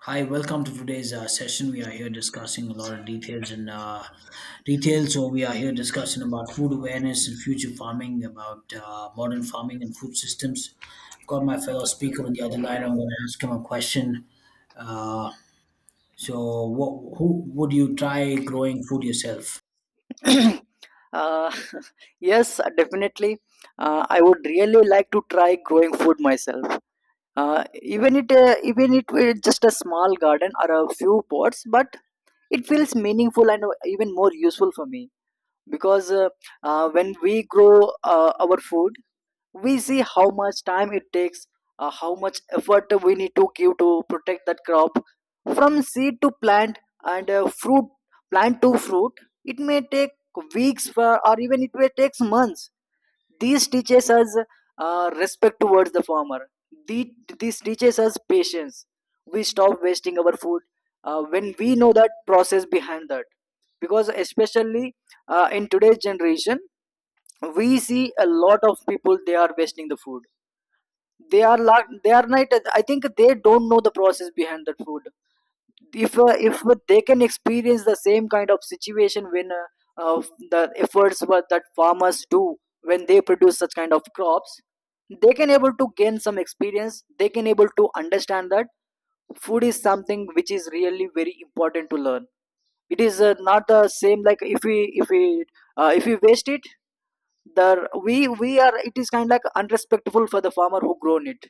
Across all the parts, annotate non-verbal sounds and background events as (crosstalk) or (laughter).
Hi, welcome to today's session. We are here discussing a lot of details and details. So we are here discussing about food awareness and future farming, about modern farming and food systems. I've got my fellow speaker on the other line. I'm going to ask him a question. Uh, who would you try growing food yourself? (clears throat) uh, (laughs) yes, definitely. I would really like to try growing food myself. Even it were just a small garden or a few pots, but it feels meaningful and even more useful for me because when we grow our food, we see how much time it takes, how much effort we need to give to protect that crop from seed to plant and fruit, plant to fruit. It may take weeks for, or even it may take months. This teaches us respect towards the farmer. The, this teaches us patience. We stop wasting our food when we know that process behind that. Because especially in today's generation, we see a lot of people, they are wasting the food. They are not. I think they don't know the process behind the food. If they can experience the same kind of situation when uh, the efforts what that farmers do when they produce such kind of crops, they can able to gain some experience, they can able to understand that food is something which is really very important to learn. It is not the same. Like if we waste it, the we are it is kind of like unrespectful for the farmer who grown it.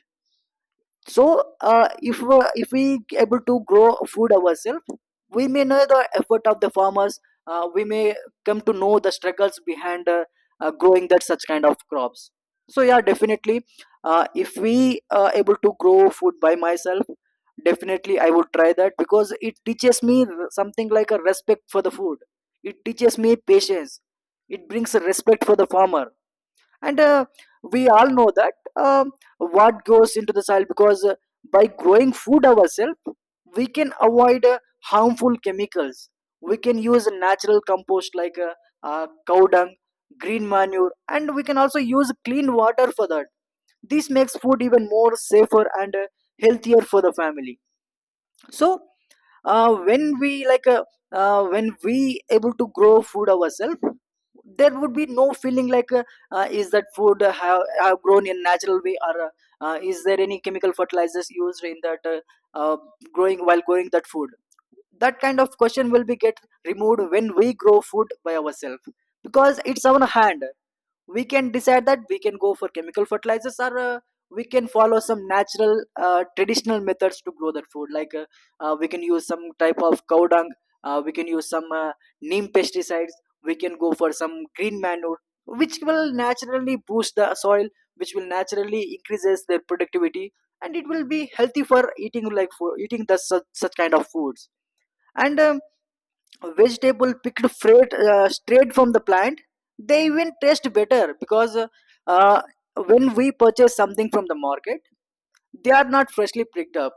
So if we able to grow food ourselves, we may know the effort of the farmers. We may come to know the struggles behind growing that such kind of crops. So yeah, definitely, if we able to grow food by myself, definitely I would try that because it teaches me something like a respect for the food, it teaches me patience, it brings a respect for the farmer. And we all know that what goes into the soil. Because by growing food ourselves, we can avoid harmful chemicals, we can use natural compost like cow dung, green manure, and we can also use clean water for that. This makes food even more safer and healthier for the family. So uh, when we like uh, when we able to grow food ourselves, there would be no feeling like is that food have grown in natural way, or is there any chemical fertilizers used in that uh, growing while growing that food. That kind of question will be get removed when we grow food by ourselves, because it's our hand. We can decide that we can go for chemical fertilizers, or we can follow some natural traditional methods to grow that food. Like, we can use some type of cow dung, we can use some neem pesticides, we can go for some green manure, which will naturally boost the soil, which will naturally increases their productivity. And it will be healthy for eating, like for eating the such kind of foods. And vegetable picked freight, straight from the plant, they even taste better. Because uh, when we purchase something from the market, they are not freshly picked up,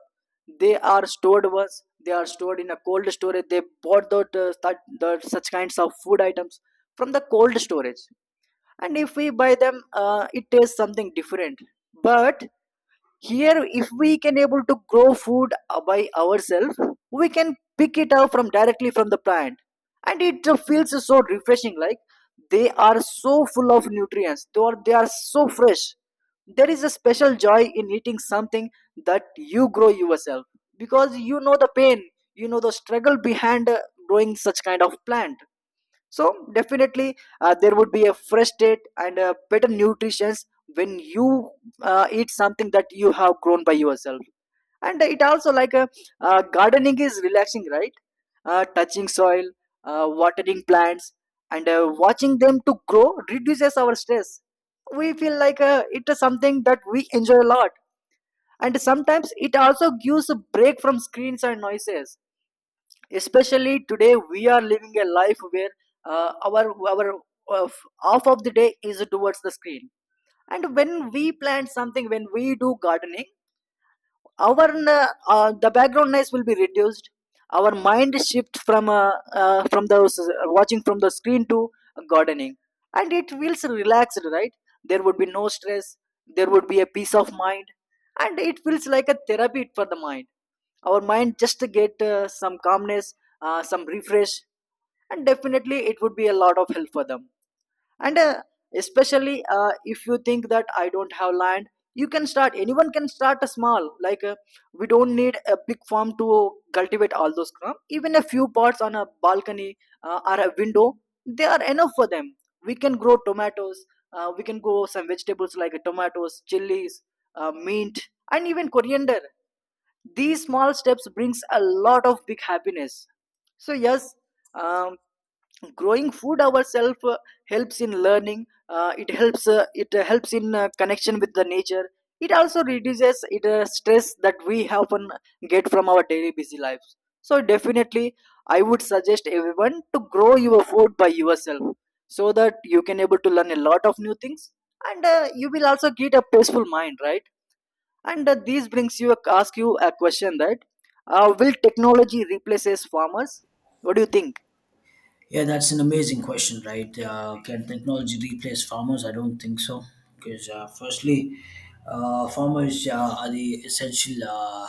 they are stored. Once they are stored in a cold storage, they bought the such kinds of food items from the cold storage. And if we buy them, it tastes something different. But here, if we can able to grow food by ourselves, we can pick it up from directly from the plant. And it feels so refreshing. Like, they are so full of nutrients, they are so fresh. There is a special joy in eating something that you grow yourself, because you know the pain, you know the struggle behind growing such kind of plant. So definitely, there would be a fresh state and a better nutrition when you eat something that you have grown by yourself. And it also like a, gardening is relaxing, right? Touching soil, watering plants, and watching them to grow reduces our stress. We feel like it is something that we enjoy a lot. And sometimes it also gives a break from screens and noises. Especially today we are living a life where our uh, half of the day is towards the screen. And when we plant something, when we do gardening, our the background noise will be reduced, our mind shift from the watching from the screen to gardening. And it feels relaxed, right? There would be no stress, there would be a peace of mind, and it feels like a therapy for the mind. Our mind just to get some calmness, some refresh. And definitely it would be a lot of help for them. And especially if you think that I don't have land, you can start, anyone can start a small, we don't need a big farm to cultivate all those crops. Even a few pots on a balcony or a window, they are enough for them. We can grow tomatoes, we can grow some vegetables like tomatoes, chilies, mint, and even coriander. These small steps brings a lot of big happiness. So yes, um, growing food ourselves helps in learning, it helps in connection with the nature. It also reduces it, stress that we often get from our daily busy lives. So definitely I would suggest everyone to grow your food by yourself, so that you can able to learn a lot of new things. And you will also get a peaceful mind, right? And this brings, you ask you a question that will technology replaces farmers, what do you think? Yeah, that's an amazing question, right? Can technology replace farmers? I don't think so. Firstly, farmers are the essential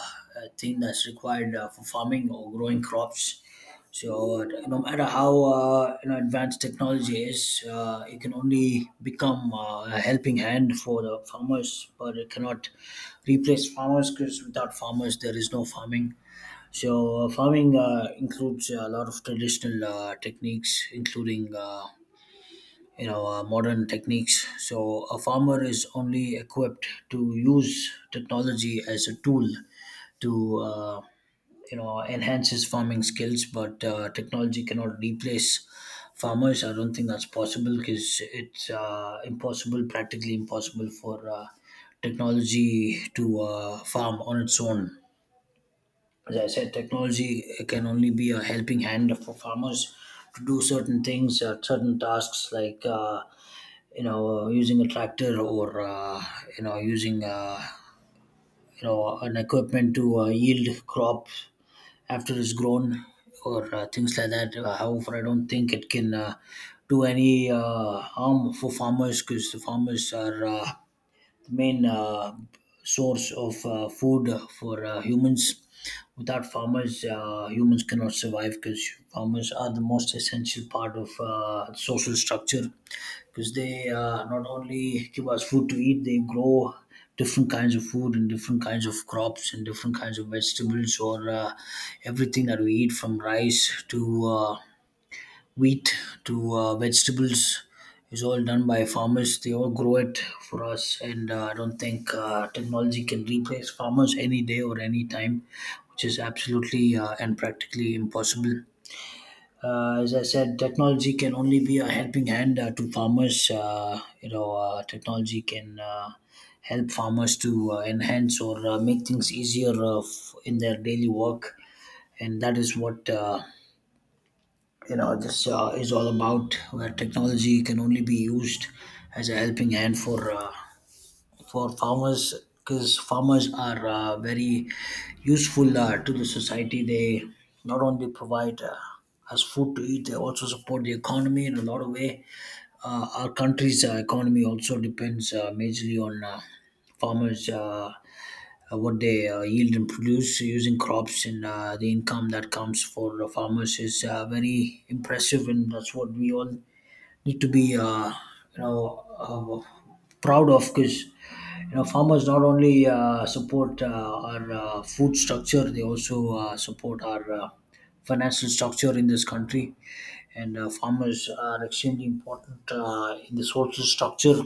thing that's required for farming or growing crops. So, no matter how advanced technology is, it can only become a helping hand for the farmers, but it cannot replace farmers because without farmers, there is no farming. So, farming includes a lot of traditional techniques, including modern techniques. So, a farmer is only equipped to use technology as a tool to enhance his farming skills, but technology cannot replace farmers. I don't think that's possible because it's impossible, practically impossible for technology to farm on its own. As I said, technology can only be a helping hand for farmers to do certain things, certain tasks like using a tractor or you know using you know an equipment to yield crop after it's grown, or things like that. However, I don't think it can do any harm for farmers because the farmers are the main source of food for humans. Without farmers, humans cannot survive because farmers are the most essential part of social structure, because they not only give us food to eat, they grow different kinds of food and different kinds of crops and different kinds of vegetables, or everything that we eat, from rice to wheat to vegetables, is all done by farmers. They all grow it for us, and I don't think technology can replace farmers any day or any time, which is absolutely and practically impossible. As I said, technology can only be a helping hand to farmers. Technology can help farmers to enhance or make things easier, in their daily work, and that is what. You know this is all about where technology can only be used as a helping hand for farmers, because farmers are very useful to the society. They not only provide us food to eat, they also support the economy in a lot of way. Our country's economy also depends majorly on farmers, what they yield and produce using crops, and the income that comes for the farmers is very impressive, and that's what we all need to be, you know uh, proud of. Because you know, farmers not only support our food structure, they also support our financial structure in this country. And farmers are extremely important in the social structure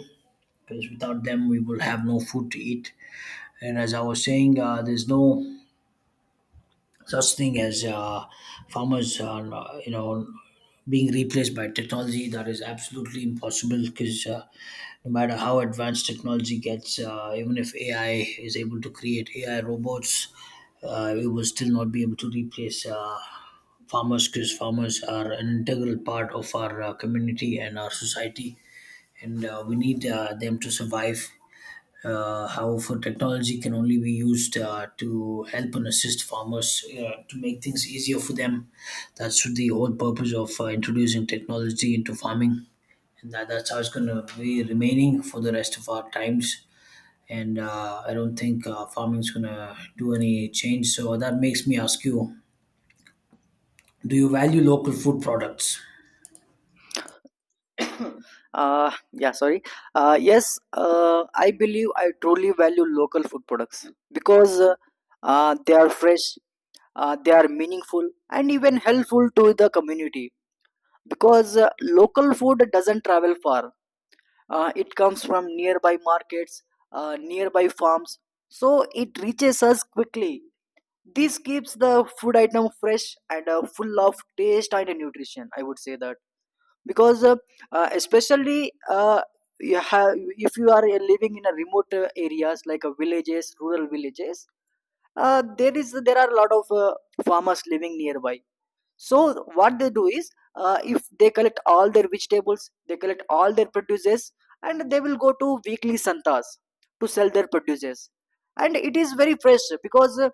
because without them we will have no food to eat. And as I was saying, there's no such thing as farmers, being replaced by technology. That is absolutely impossible because no matter how advanced technology gets, even if AI is able to create AI robots, it will still not be able to replace farmers, because farmers are an integral part of our community and our society, and we need them to survive. How for Technology can only be used to help and assist farmers to make things easier for them. That's the whole purpose of introducing technology into farming, and that's how it's going to be remaining for the rest of our times. And I don't think farming is going to do any change. So that makes me ask you: do you value local food products? uh, yeah, sorry. Yes, I believe I truly value local food products. Because they are fresh, they are meaningful and even helpful to the community. Because local food doesn't travel far, it comes from nearby markets, nearby farms. So it reaches us quickly. This keeps the food item fresh and full of taste and nutrition, I would say that. Because especially you have, if you are living in a remote areas like a villages, rural villages, there are a lot of farmers living nearby. So what they do is, if they collect all their vegetables, they collect all their produces, and they will go to weekly santas to sell their produces. And it is very fresh because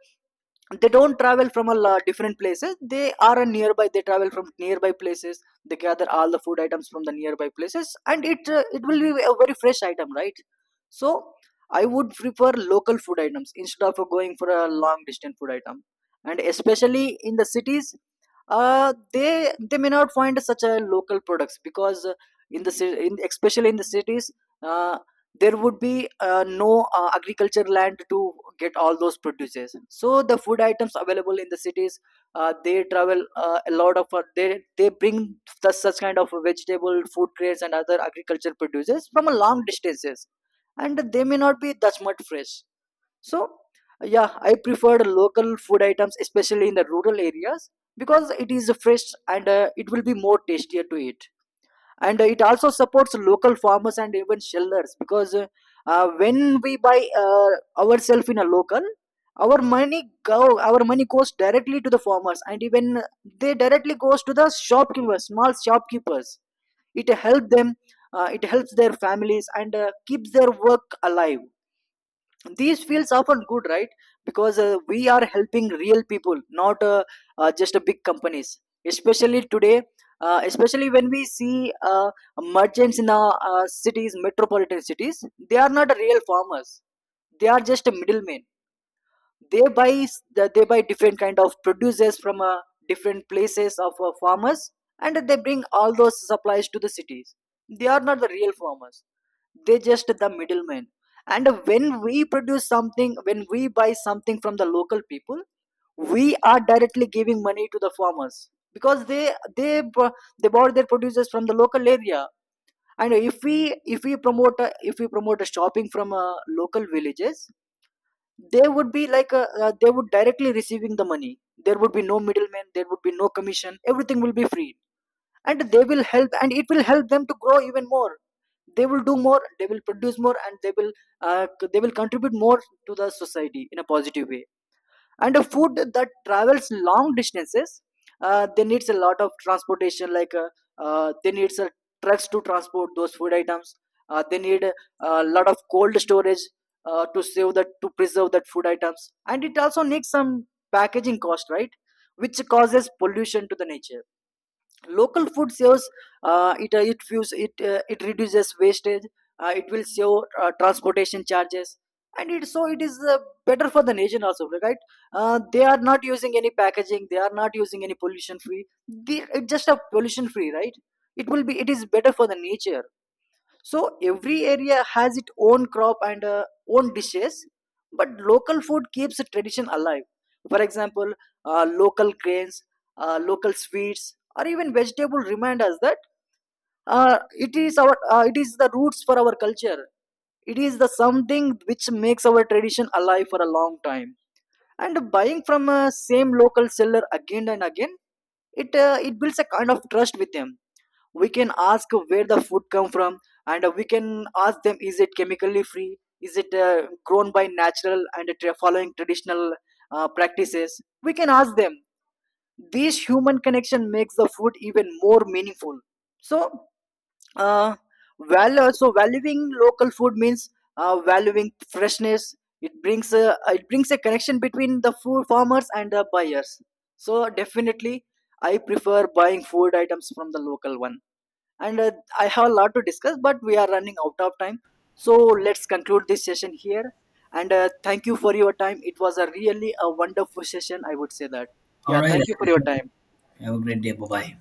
they don't travel from a lot different places. They are a nearby. They travel from nearby places. They gather all the food items from the nearby places, and it it will be a very fresh item, right? So I would prefer local food items instead of going for a long distance food item. And especially in the cities, they may not find such a local products. Because in especially in the cities, uh, there would be no agriculture land to get all those produces. So the food items available in the cities, they travel a lot of they bring such kind of vegetable food crates and other agriculture produces from a long distances, and they may not be that much fresh. So yeah, I preferred local food items especially in the rural areas, because it is fresh and it will be more tastier to eat. And it also supports local farmers and even sellers. Because when we buy ourselves in a local, our money goes directly to the farmers, and even they directly goes to the shopkeepers, small shopkeepers. It helps them, it helps their families, and keeps their work alive. These fields are often good, right? Because we are helping real people, not just big companies. Especially today, especially when we see merchants in our cities, metropolitan cities, they are not real farmers, they are just a middleman. They buy different kind of produces from different places of farmers, and they bring all those supplies to the cities. They are not the real farmers, they just the middlemen. And when we produce something, when we buy something from the local people, we are directly giving money to the farmers. Because they, they bu- they bought their producers from the local area. And if we promote a shopping from local villages, they would be like a, they would directly receiving the money. There would be no middleman, there would be no commission, everything will be free. And they will help, and it will help them to grow even more. They will do more, they will produce more, and they will they will contribute more to the society in a positive way. And a food that travels long distances, they needs a lot of transportation like they needs trucks to transport those food items. They need a lot of cold storage to save that, to preserve that food items. And it also needs some packaging cost, right? Which causes pollution to the nature. Local food saves, it it reduces wastage, it will save transportation charges. And it so it is better for the nation also, right? They are not using any packaging, they are not using any pollution free, it's just a pollution free, right? It will be it is better for the nature. So every area has its own crop and own dishes, but local food keeps the tradition alive. For example, local grains, local sweets, or even vegetable remind us that it is the roots for our culture. It is the something which makes our tradition alive for a long time. And buying from a same local seller again and again, it it builds a kind of trust with them. We can ask where the food come from, and we can ask them, is it chemically free, is it grown by natural and following traditional practices, we can ask them. This human connection makes the food even more meaningful. So uh, value so valuing local food means valuing freshness. It brings a connection between the food, farmers and the buyers. So definitely I prefer buying food items from the local one. And I have a lot to discuss, but we are running out of time. So let's conclude this session here. And thank you for your time, it was a really a wonderful session, I would say that. All Yeah, right. thank you for your time. Have a great day. Bye bye.